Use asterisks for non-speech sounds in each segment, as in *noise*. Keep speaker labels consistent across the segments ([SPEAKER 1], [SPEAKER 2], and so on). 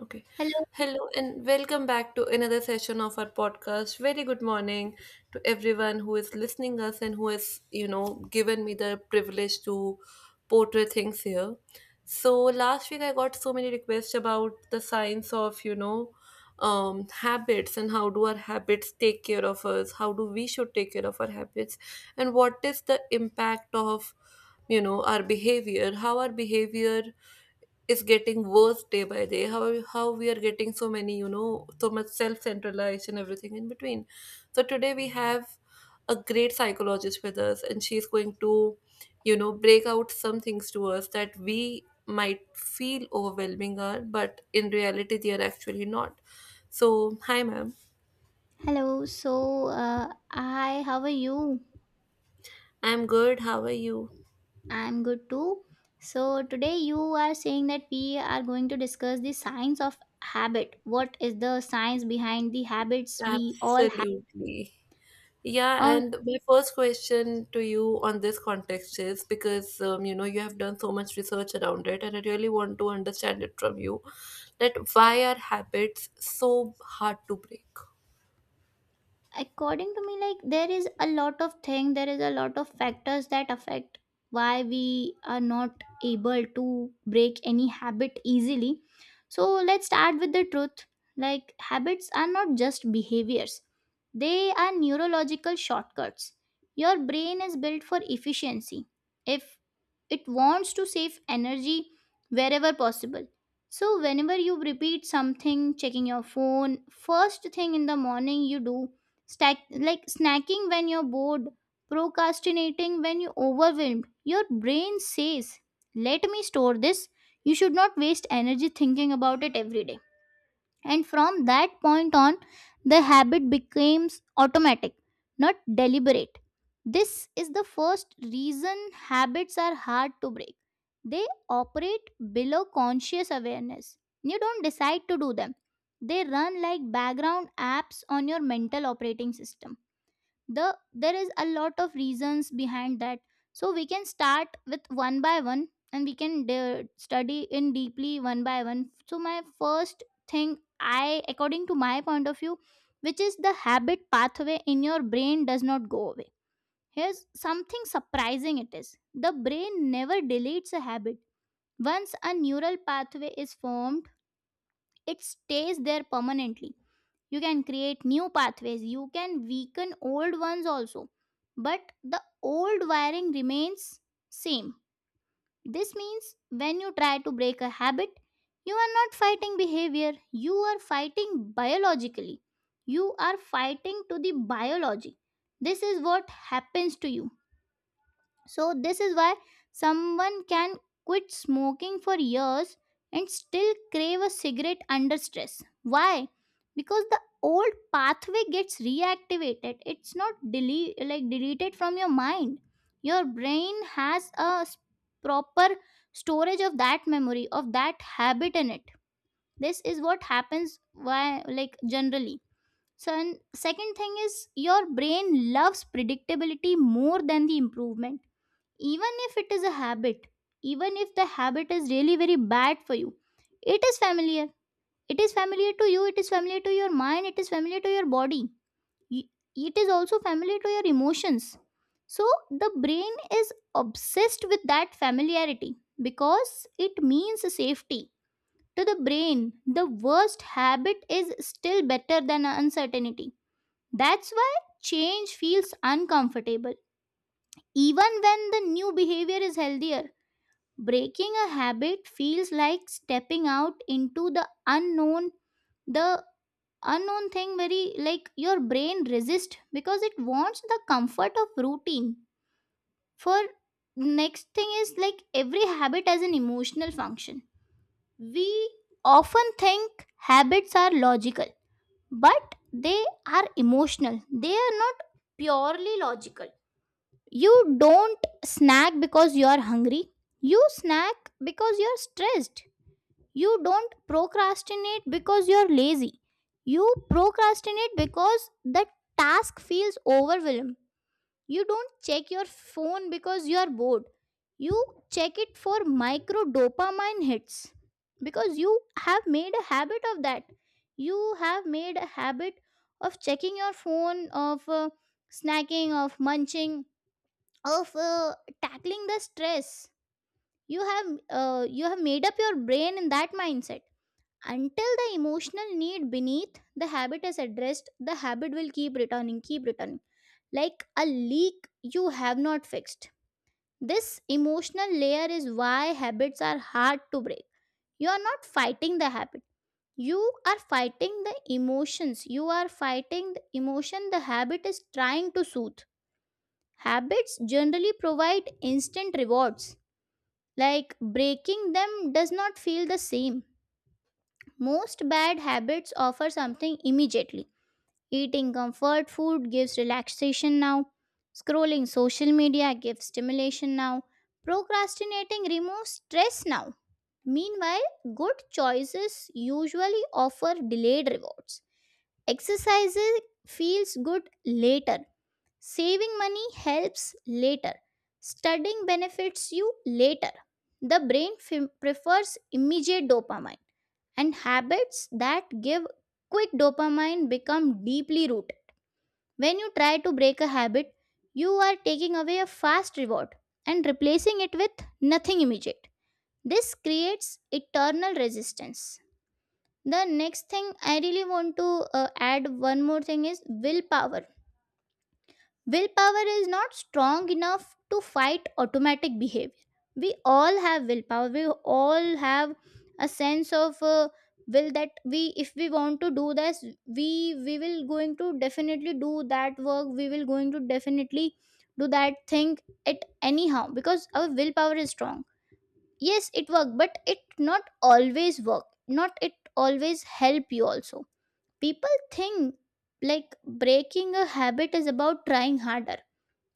[SPEAKER 1] Okay.
[SPEAKER 2] Hello,
[SPEAKER 1] Hello and welcome back to another session of our podcast. Very good morning to everyone who is listening us and who has, given me the privilege to portray things here. So last week I got so many requests about the science of, habits and how do our habits take care of us, how do we should take care of our habits, and what is the impact of, our behavior, how our behavior is getting worse day by day, how we are getting so many so much self centralization, everything in between. So today we have a great psychologist with us, and she's going to break out some things to us that we might feel overwhelming are but in reality they are actually not. So hi, ma'am.
[SPEAKER 2] hello. So, hi, how are you?
[SPEAKER 1] I'm good, how are you?
[SPEAKER 2] I'm good too. So, today you are saying that we are going to discuss the science of habit. What is the science behind the habits we all have?
[SPEAKER 1] Absolutely. Yeah,
[SPEAKER 2] Uh,
[SPEAKER 1] and my first question to you on this context is because you know you have done so much research around it, and I really want to understand it from you that why are habits so hard to break?
[SPEAKER 2] according to me, like there is a lot of thing there is a lot of factors that affect why we are not able to break any habit easily. So let's start with the truth. Like, habits are not just behaviors, they are neurological shortcuts. Your brain is built for efficiency. If it wants to save energy wherever possible, so whenever you repeat something, checking your phone first thing in the morning, you do like snacking when you're bored, procrastinating when you're overwhelmed. Your brain says, "Let me store this. You should not waste energy thinking about it every day." And from that point on, the habit becomes automatic, not deliberate. This is the first reason habits are hard to break. They operate below conscious awareness. You don't decide to do them, they run like background apps on your mental operating system. There is a lot of reasons behind that, so we can start with one by one, and we can study in deeply one by one. So my first thing, I according to my point of view, which is the habit pathway in your brain does not go away. Here's something surprising: it is the brain never deletes a habit. Once a neural pathway is formed, it stays there permanently. You can create new pathways, you can weaken old ones also, but the old wiring remains same. This means when you try to break a habit, you are not fighting behavior, you are fighting biologically, you are fighting to the biology. This is what happens to you. So, this is why someone can quit smoking for years and still crave a cigarette under stress. Why? Because the old pathway gets reactivated. It's not deleted from your mind. Your brain has a proper storage of that memory, of that habit in it. This is what happens, why, like, generally. So, and second thing is your brain loves predictability more than the improvement, even if it is a habit, even if the habit is really very bad for you. It is familiar, it is familiar to you, it is familiar to your mind, it is familiar to your body. Y- it is also familiar to your emotions. So the brain is obsessed with that familiarity because it means safety. To the brain, the worst habit is still better than uncertainty. That's why change feels uncomfortable even when the new behavior is healthier. Breaking a habit feels like stepping out into the unknown thing. Very like, your brain resists because it wants the comfort of routine. For next thing is, like, every habit has an emotional function. We often think habits are logical, but they are emotional. They are not purely logical. You don't snack because you are hungry. You snack because you're stressed. You don't procrastinate because you're lazy. You procrastinate because the task feels overwhelming. You don't check your phone because you're bored. You check it for micro dopamine hits because you have made a habit of that. You have made a habit of checking your phone, of snacking, of munching, of tackling the stress. You have made up your brain in that mindset. Until the emotional need beneath the habit is addressed, the habit will keep returning, keep returning, like a leak you have not fixed. This emotional layer is why habits are hard to break. You are not fighting the habit, you are fighting the emotions. You are fighting the emotion the habit is trying to soothe. Habits generally provide instant rewards. Like breaking them does not feel the same. Most bad habits offer something immediately. Eating comfort food gives relaxation now. Scrolling social media gives stimulation now. Procrastinating removes stress now. Meanwhile, good choices usually offer delayed rewards. Exercising feels good later. Saving money helps later. Studying benefits you later. The brain prefers immediate dopamine, and habits that give quick dopamine become deeply rooted. When you try to break a habit, you are taking away a fast reward and replacing it with nothing immediate. This creates eternal resistance. The next thing I really want to add one more thing is willpower. Willpower is not strong enough to fight automatic behavior. We all have willpower. We all have a sense of will, that we, if we want to do this, we will going to definitely do that work. We will going to definitely do that thing it anyhow because our willpower is strong. Yes, it work, but it not always work. Not it always help you. Also, people think like breaking a habit is about trying harder.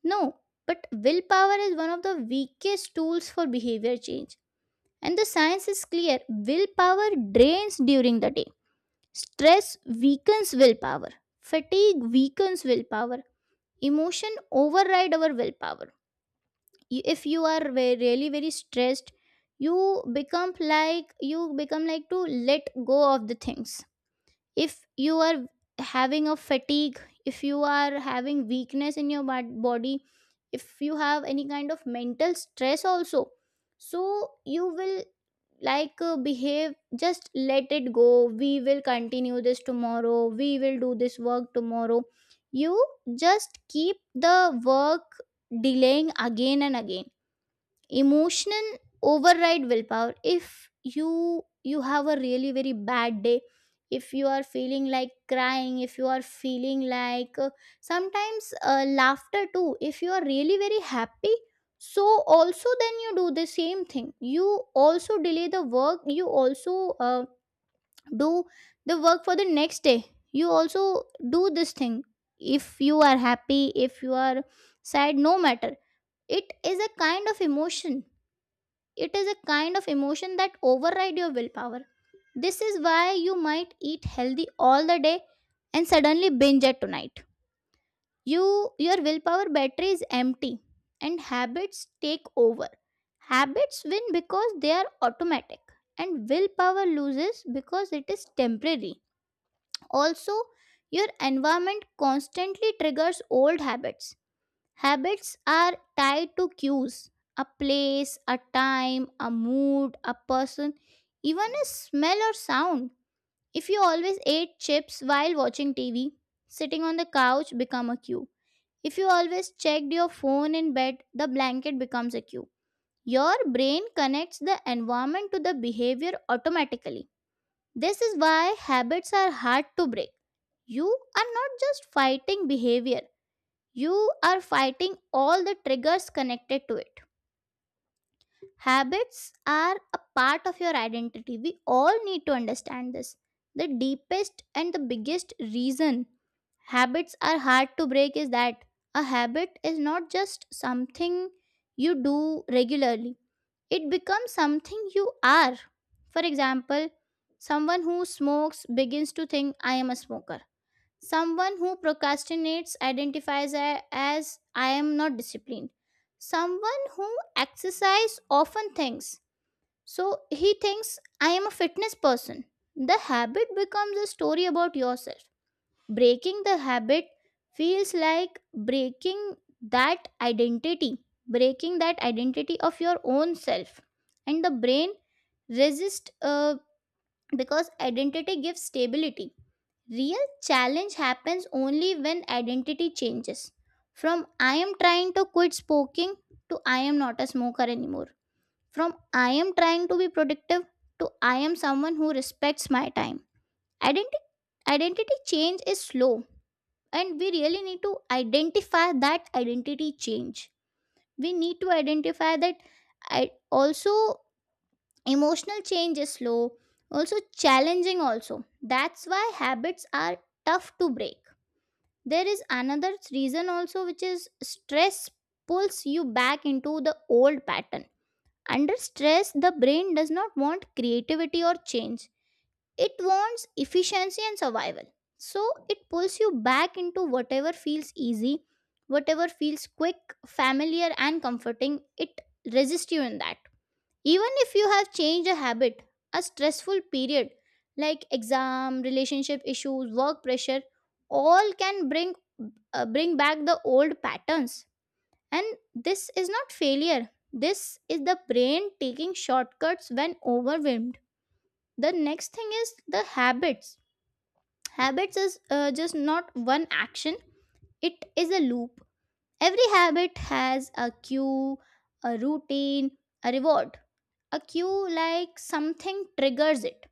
[SPEAKER 2] No, but willpower is one of the weakest tools for behavior change. And the science is clear: willpower drains during the day. Stress weakens willpower. Fatigue weakens willpower. Emotion override our willpower. If you are really very stressed, you you become like to let go of the things. If you are having a fatigue, if you are having weakness in your body, if you have any kind of mental stress also, so you will like behave, just let it go, we will continue this tomorrow, we will do this work tomorrow. You just keep the work delaying again and again. Emotional override willpower. If you have a really very bad day, if you are feeling like crying, if you are feeling like sometimes laughter too, if you are really very happy, so also then you do the same thing. You also delay the work, you also do the work for the next day. You also do this thing. If you are happy, if you are sad, no matter, it is a kind of emotion, it is a kind of emotion that overrides your willpower. This is why you might eat healthy all the day and suddenly binge at tonight. Your willpower battery is empty and habits take over. Habits win because they are automatic and willpower loses because it is temporary. Also, your environment constantly triggers old habits. Habits are tied to cues: a place, a time, a mood, a person, even a smell or sound. If you always ate chips while watching TV, sitting on the couch become a cue. If you always checked your phone in bed, the blanket becomes a cue. Your brain connects the environment to the behavior automatically. This is why habits are hard to break. You are not just fighting behavior, you are fighting all the triggers connected to it. Habits are a part of your identity. We all need to understand this. The deepest and the biggest reason habits are hard to break is that a habit is not just something you do regularly, it becomes something you are. For example, someone who smokes begins to think, "I am a smoker." Someone who procrastinates identifies as I am not disciplined. Someone who exercises often thinks, so he thinks, "I am a fitness person." The habit becomes a story about yourself. Breaking the habit feels like breaking that identity, breaking that identity of your own self. And the brain resists because identity gives stability. Real challenge happens only when identity changes. From "I am trying to quit smoking" to "I am not a smoker anymore." From "I am trying to be productive" to "I am someone who respects my time." Identity identity change is slow, and we really need to identify that identity change. We need to identify that I also emotional change is slow, also challenging also. That's why habits are tough to break. There is another reason also, which is stress pulls you back into the old pattern. Under stress, the brain does not want creativity or change, it wants efficiency and survival. So it pulls you back into whatever feels easy, whatever feels quick, familiar, and comforting. It resists you in that. Even if you have changed a habit, a stressful period like exam, relationship issues, work pressure, all can bring back the old patterns. And this is not failure. This is the brain taking shortcuts when overwhelmed. The next thing is the habits. Habits is just not one action. It is a loop. Every habit has a cue, a routine, a reward. A cue, like something triggers it;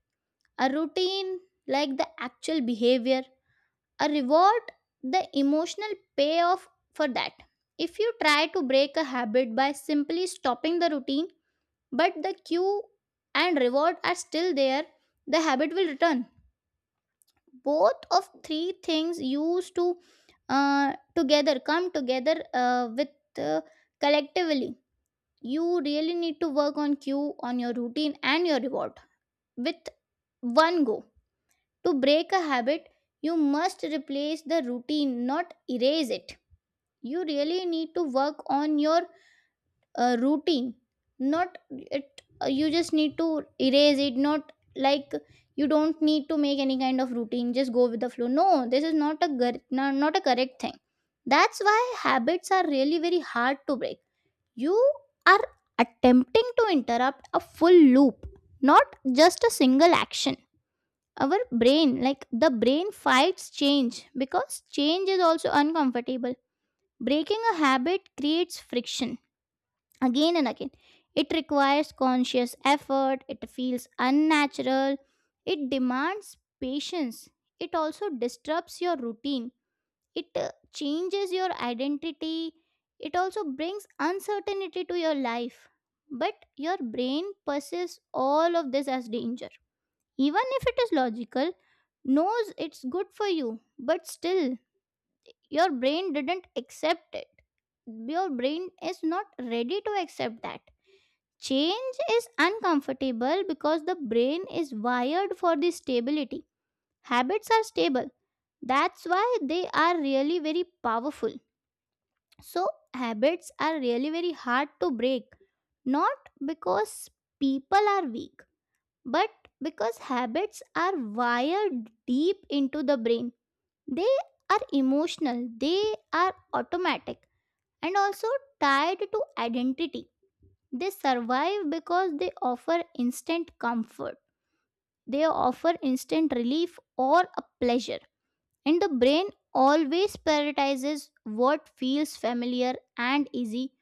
[SPEAKER 2] a routine, like the actual behavior; a reward, the emotional payoff for that. If you try to break a habit by simply stopping the routine, but the cue and reward are still there, the habit will return. Both of three things used to together come together with uh, collectively. You really need to work on cue, on your routine, and your reward with one go. To break a habit, you must replace the routine, not erase it. You really need to work on your routine, not it. You just need to erase it, not like you don't need to make any kind of routine. Just go with the flow. No, this is not a not a correct thing. That's why habits are really very hard to break. You are attempting to interrupt a full loop, not just a single action. Our brain, like the brain fights change because change is also uncomfortable. Breaking a habit creates friction again and again. It requires conscious effort, it feels unnatural, it demands patience, it also disrupts your routine, it changes your identity, it also brings uncertainty to your life, but your brain perceives all of this as danger. Even if it is logical, knows it's good for you, but still, your brain didn't accept it. Your brain is not ready to accept that. Change is uncomfortable because the brain is wired for the stability. Habits are stable. That's why they are really very powerful. So, habits are really very hard to break. Not because people are weak, but because habits are wired deep into the brain. They are emotional, they are automatic, and also tied to identity. They survive because they offer instant comfort, they offer instant relief or a pleasure. And the brain always prioritizes what feels familiar and easy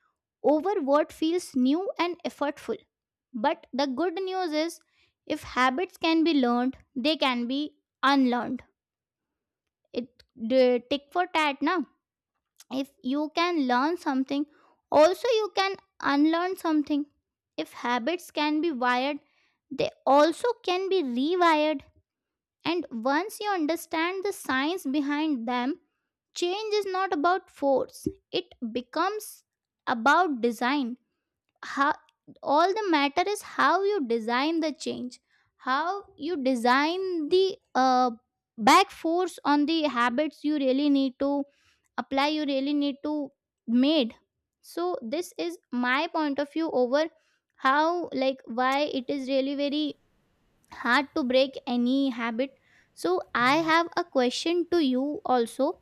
[SPEAKER 2] over what feels new and effortful. But the good news is, if habits can be learned, they can be unlearned. It the tick for tat, na? If you can learn something, also you can unlearn something. If habits can be wired, they also can be rewired. And once you understand the science behind them, change is not about force, it becomes about design. How all the matter is how you design the change, how you design the back force on the habits. You really need to apply, you really need to made. So this is my point of view over how, like why it is really very hard to break any habit. So I have a question to you also.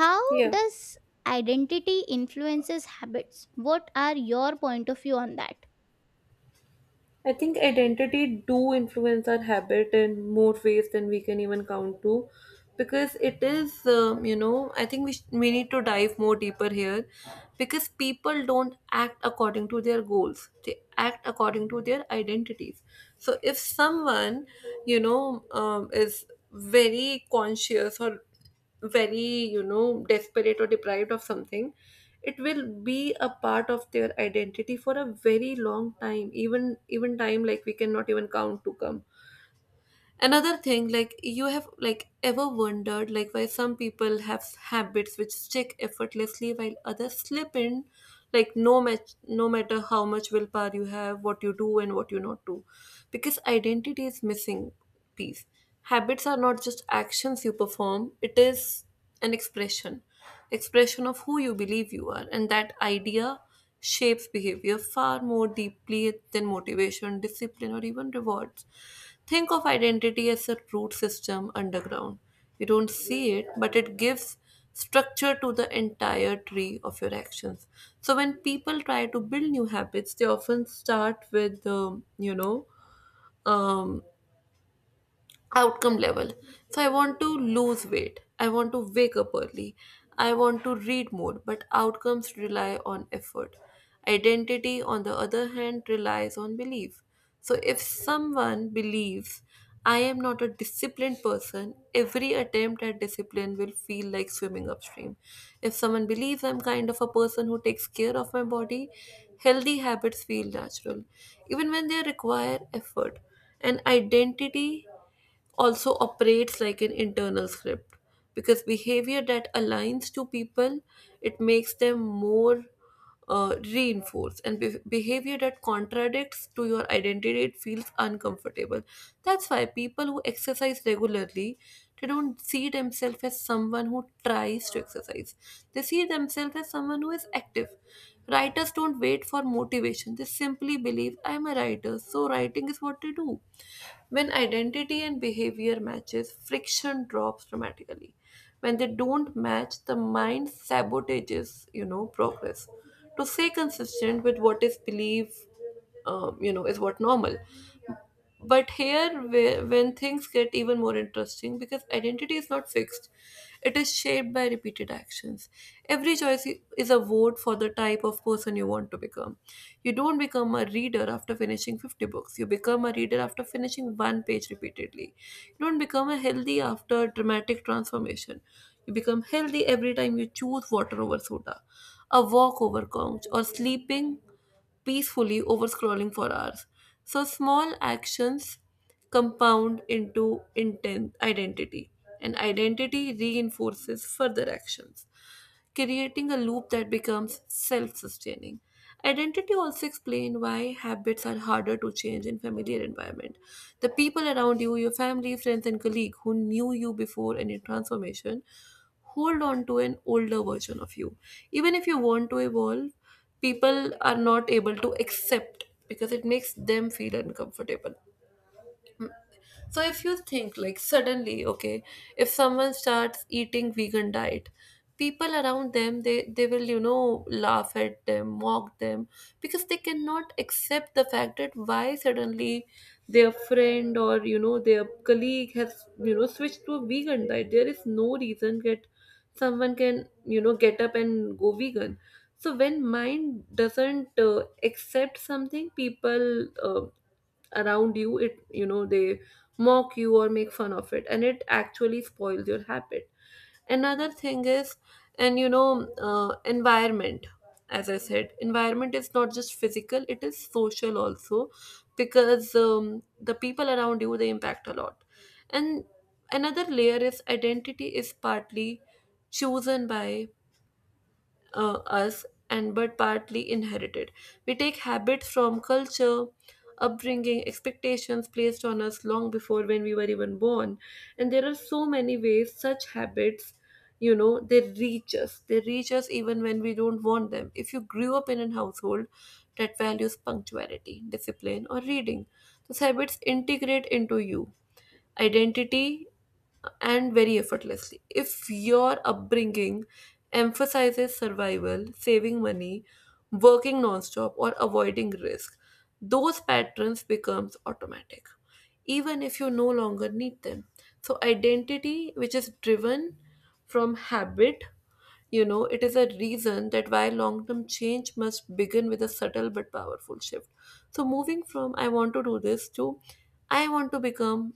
[SPEAKER 2] How
[SPEAKER 1] Yeah.
[SPEAKER 2] does identity influences habits? What are your point of view on that?
[SPEAKER 1] I think identity do influence our habit in more ways than we can even count to, because it is you know I think we need to dive more deeper here, because people don't act according to their goals; they act according to their identities. So if someone is very conscious or very desperate or deprived of something, it will be a part of their identity for a very long time, even time like we cannot even count to come. Another thing, like you have like ever wondered like why some people have habits which stick effortlessly while others slip in, like no matter how much willpower you have, what you do and what you not do, because identity is missing piece. Habits are not just actions you perform, it is an expression of who you believe you are, and that idea shapes behavior far more deeply than motivation, discipline, or even rewards. Think of identity as a root system underground. You don't see it, but it gives structure to the entire tree of your actions. So when people try to build new habits, they often start with, um, outcome level. So I want to lose weight. I want to wake up early. I want to read more, but outcomes rely on effort. Identity, on the other hand, relies on belief. So if someone believes I am not a disciplined person, every attempt at discipline will feel like swimming upstream. If someone believes I'm kind of a person who takes care of my body, healthy habits feel natural, even when they require effort. And identity also operates like an internal script, because behavior that aligns to people, it makes them more reinforced, and behavior that contradicts to your identity, it feels uncomfortable. That's why people who exercise regularly, they don't see themselves as someone who tries to exercise, they see themselves as someone who is active. Writers don't wait for motivation, they simply believe I'm a writer, so writing is what they do. When identity and behavior matches, friction drops dramatically. When they don't match, the mind sabotages, progress. To stay consistent with what is believed, is what normal. But here, when things get even more interesting, because identity is not fixed, it is shaped by repeated actions. Every choice is a vote for the type of person you want to become. You don't become a reader after finishing 50 books, you become a reader after finishing one page repeatedly. You don't become a healthy after dramatic transformation. You become healthy every time you choose water over soda, a walk over couch, or sleeping peacefully over scrolling for hours. So small actions compound into intent identity, and identity reinforces further actions, creating a loop that becomes self-sustaining. Identity also explain why habits are harder to change in familiar environment. The people around you, your family, friends, and colleague who knew you before any transformation, hold on to an older version of you. Even if you want to evolve, people are not able to accept because it makes them feel uncomfortable. So if you think like suddenly, okay, if someone starts eating vegan diet, people around them, they will laugh at them, mock them, because they cannot accept the fact that why suddenly their friend or their colleague has switched to a vegan diet. There is no reason that someone can get up and go vegan. So when mind doesn't accept something, people. Around you, it, they mock you or make fun of it, and it actually spoils your habit. Another thing is, and you know environment, as I said, environment is not just physical, it is social also, because the people around you, they impact a lot. And another layer is identity is partly chosen by us, and but partly inherited. We take habits from culture, upbringing, expectations placed on us long before when we were even born. And there are so many ways such habits, they reach us. They reach us even when we don't want them. If you grew up in a household that values punctuality, discipline, or reading, those habits integrate into you identity and very effortlessly. If your upbringing emphasizes survival, saving money, working nonstop, or avoiding risk, those patterns becomes automatic, even if you no longer need them. So identity, which is driven from habit, it is a reason that why long term change must begin with a subtle but powerful shift. So, moving from I want to do this to I want to become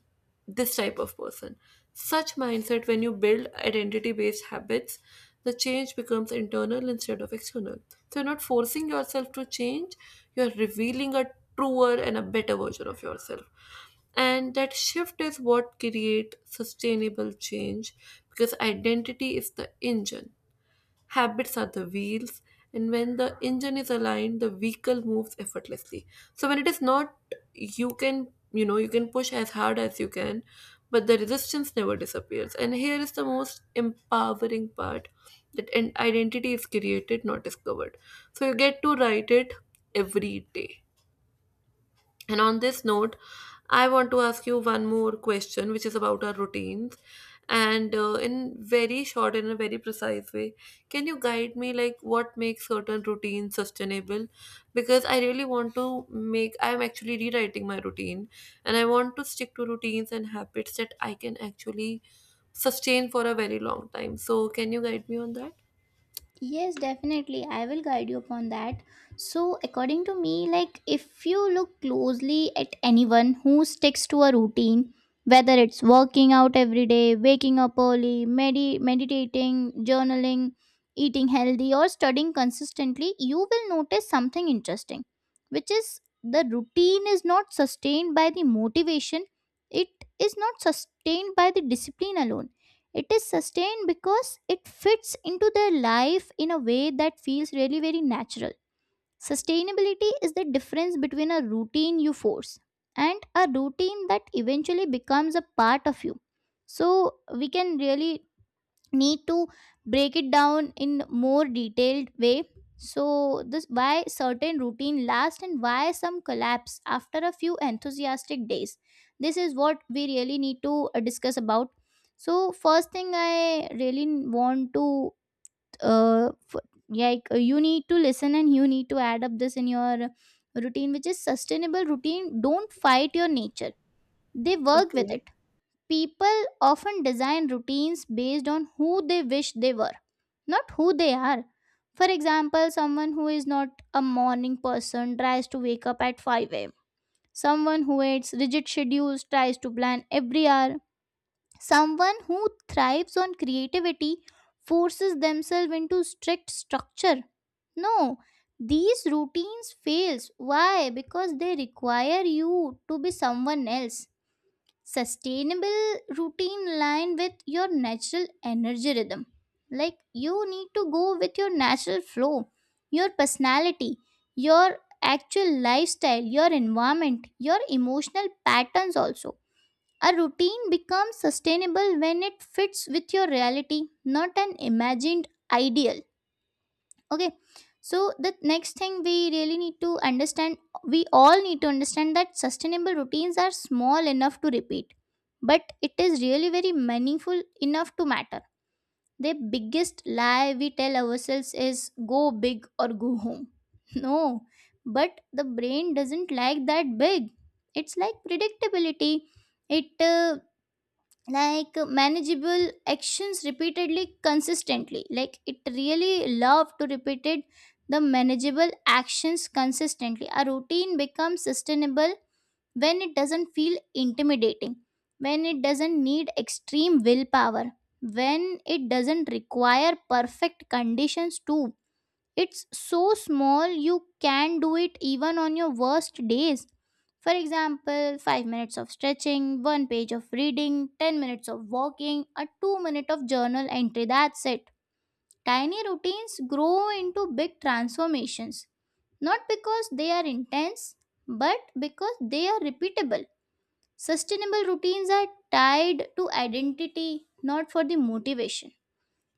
[SPEAKER 1] this type of person. Such mindset, when you build identity based habits, the change becomes internal instead of external. So, you're not forcing yourself to change, you're revealing a truer and a better version of yourself, and that shift is what create sustainable change, because identity is the engine, habits are the wheels, and when the engine is aligned, the vehicle moves effortlessly. So when it is not, you can you can push as hard as you can, but the resistance never disappears. And here is the most empowering part, that an identity is created, not discovered. So you get to write it every day. And on this note, I want to ask you one more question, which is about our routines. And in very short and in a very precise way, can you guide me like what makes certain routines sustainable? Because I really want to make, I'm actually rewriting my routine and I want to stick to routines and habits that I can actually sustain for a very long time. So, can you guide me on that?
[SPEAKER 2] Yes, definitely. I will guide you upon that. So, according to me, like if you look closely at anyone who sticks to a routine, whether it's working out every day, waking up early, meditating, journaling, eating healthy, or studying consistently, you will notice something interesting, which is the routine is not sustained by the motivation, it is not sustained by the discipline alone. It is sustained because it fits into their life in a way that feels really very natural. Sustainability is the difference between a routine you force and a routine that eventually becomes a part of you. So we can really need to break it down in more detailed way. So this why certain routine last and why some collapse after a few enthusiastic days. This is what we really need to discuss about. So first thing I really want to you need to listen and you need to add up this in your routine, which is sustainable routine don't fight your nature, they work with
[SPEAKER 1] Okay.
[SPEAKER 2] it. People often design routines based on who they wish they were, not who they are. For example, someone who is not a morning person tries to wake up at 5 am. Someone who hates rigid schedules tries to plan every hour. Someone who thrives on creativity forces themselves into strict structure. No, these routines fails. Why? Because they require you to be someone else. Sustainable routine line with your natural energy rhythm, like you need to go with your natural flow, your personality, your actual lifestyle, your environment, your emotional patterns also. A routine becomes sustainable when it fits with your reality, not an imagined ideal. Okay. So the next thing we really need to understand, we all need to understand that sustainable routines are small enough to repeat, but it is really very meaningful enough to matter. The biggest lie we tell ourselves is go big or go home. *laughs* No, but the brain doesn't like that big. It's like predictability, it manageable actions repeatedly consistently, like it really love to repeated the manageable actions consistently. A routine becomes sustainable when it doesn't feel intimidating, when it doesn't need extreme willpower, when it doesn't require perfect conditions too. It's so small you can do it even on your worst days. For example, 5 minutes of stretching, 1 page of reading, 10 minutes of walking, a 2 minute of journal entry. That's it. Tiny routines grow into big transformations, not because they are intense, but because they are repeatable. Sustainable routines are tied to identity, not for the motivation.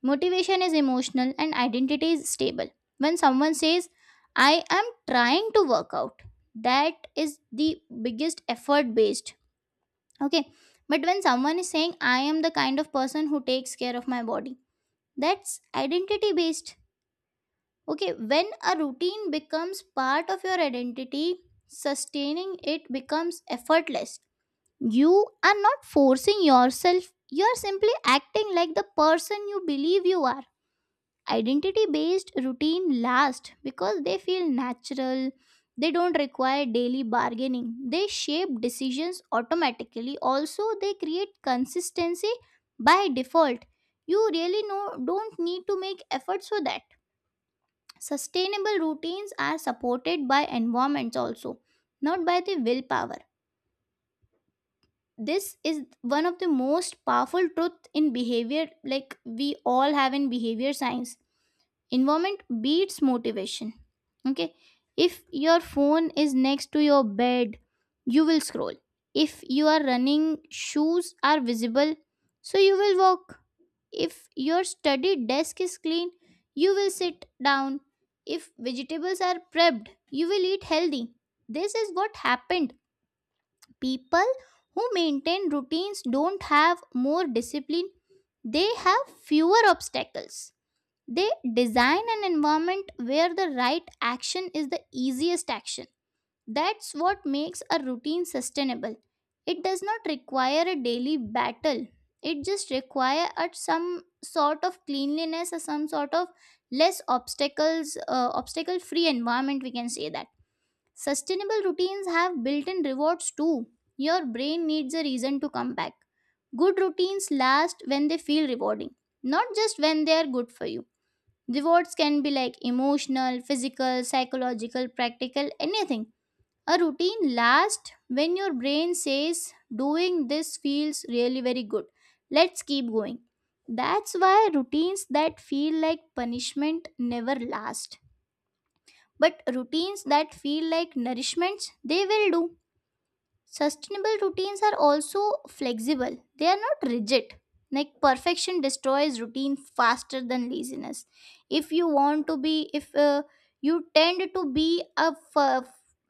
[SPEAKER 2] Motivation is emotional and identity is stable. When someone says, I am trying to work out, that is the biggest effort based. Okay. But when someone is saying, I am the kind of person who takes care of my body, that's identity based. Okay. When a routine becomes part of your identity, sustaining it becomes effortless. You are not forcing yourself, you are simply acting like the person you believe you are. Identity based routine last because they feel natural. They don't require daily bargaining. They shape decisions automatically. Also, they create consistency by default. You really no don't need to make efforts for that. Sustainable routines are supported by environments also, not by the willpower. This is one of the most powerful truth in behavior, like we all have in behavior science, environment beats motivation. Okay. If your phone is next to your bed, you will scroll. If you are running shoes are visible, so you will walk. If your study desk is clean, you will sit down. If vegetables are prepped, you will eat healthy. This is what happened. People who maintain routines don't have more discipline, they have fewer obstacles. They design an environment where the right action is the easiest action. That's what makes a routine sustainable. It does not require a daily battle. It just requires some sort of cleanliness or some sort of less obstacles, obstacle-free environment. We can say that sustainable routines have built-in rewards too. Your brain needs a reason to come back. Good routines last when they feel rewarding, not just when they are good for you. Rewards can be like emotional, physical, psychological, practical, anything. A routine lasts when your brain says, doing this feels really very good. Let's keep going. That's why routines that feel like punishment never last. But routines that feel like nourishments, they will do. Sustainable routines are also flexible, they are not rigid. Like perfection destroys routine faster than laziness. If you want to be, if you tend to be a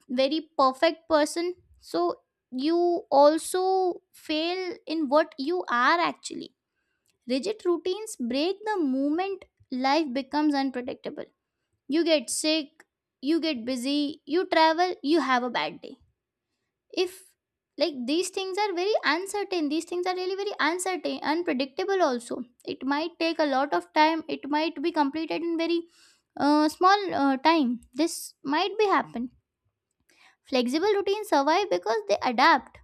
[SPEAKER 2] very perfect person, so you also fail in what you are actually. Rigid routines break the moment life becomes unpredictable. You get sick, you get busy, you travel, you have a bad day. If like these things are very uncertain, these things are really very uncertain, unpredictable also. It might take a lot of time, it might be completed in very small time. This might be happen. Flexible routines survive because they adapt.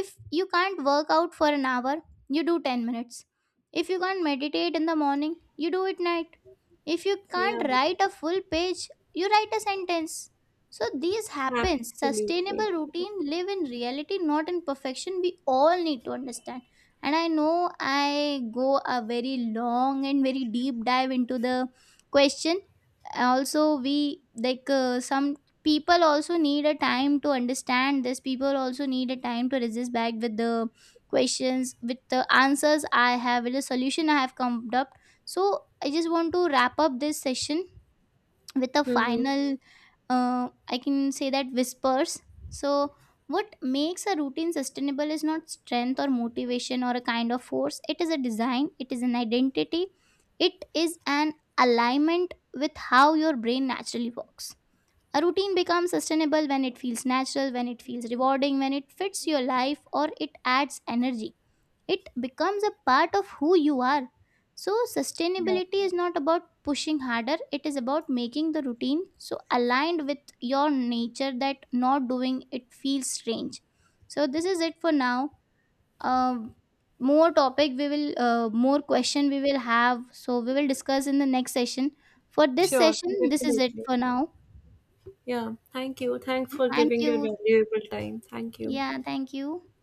[SPEAKER 2] If you can't work out for an hour, you do 10 minutes. If you can't meditate in the morning, you do it night. If you can't
[SPEAKER 1] Yeah,
[SPEAKER 2] write a full page, you write a sentence. So these happens.
[SPEAKER 1] absolutely.
[SPEAKER 2] Sustainable routine live in reality, not in perfection. We all need to understand. And I know I go a very long and very deep dive into the question. Also, we like some people also need a time to understand this, people also need a time to resist back with the questions, with the answers I have, with the solution I have come up. So I just want to wrap up this session with a
[SPEAKER 1] Mm-hmm.
[SPEAKER 2] final I can say that whispers. So what makes a routine sustainable is not strength or motivation or a kind of force, it is a design, it is an identity, it is an alignment with how your brain naturally works. A routine becomes sustainable when it feels natural, when it feels rewarding, when it fits your life or it adds energy. It becomes a part of who you are. So, sustainability is not about pushing harder, it is about making the routine so aligned with your nature that not doing it feels strange. So, this is it for now. Uh, More topic we will, more question we will have. So, we will discuss in the next session. For this
[SPEAKER 1] Sure,
[SPEAKER 2] session, this is it
[SPEAKER 1] definitely.
[SPEAKER 2] for now.
[SPEAKER 1] Yeah, thank you. Thanks for
[SPEAKER 2] Thank
[SPEAKER 1] giving your
[SPEAKER 2] you.
[SPEAKER 1] valuable time. Thank you.
[SPEAKER 2] Yeah, thank you.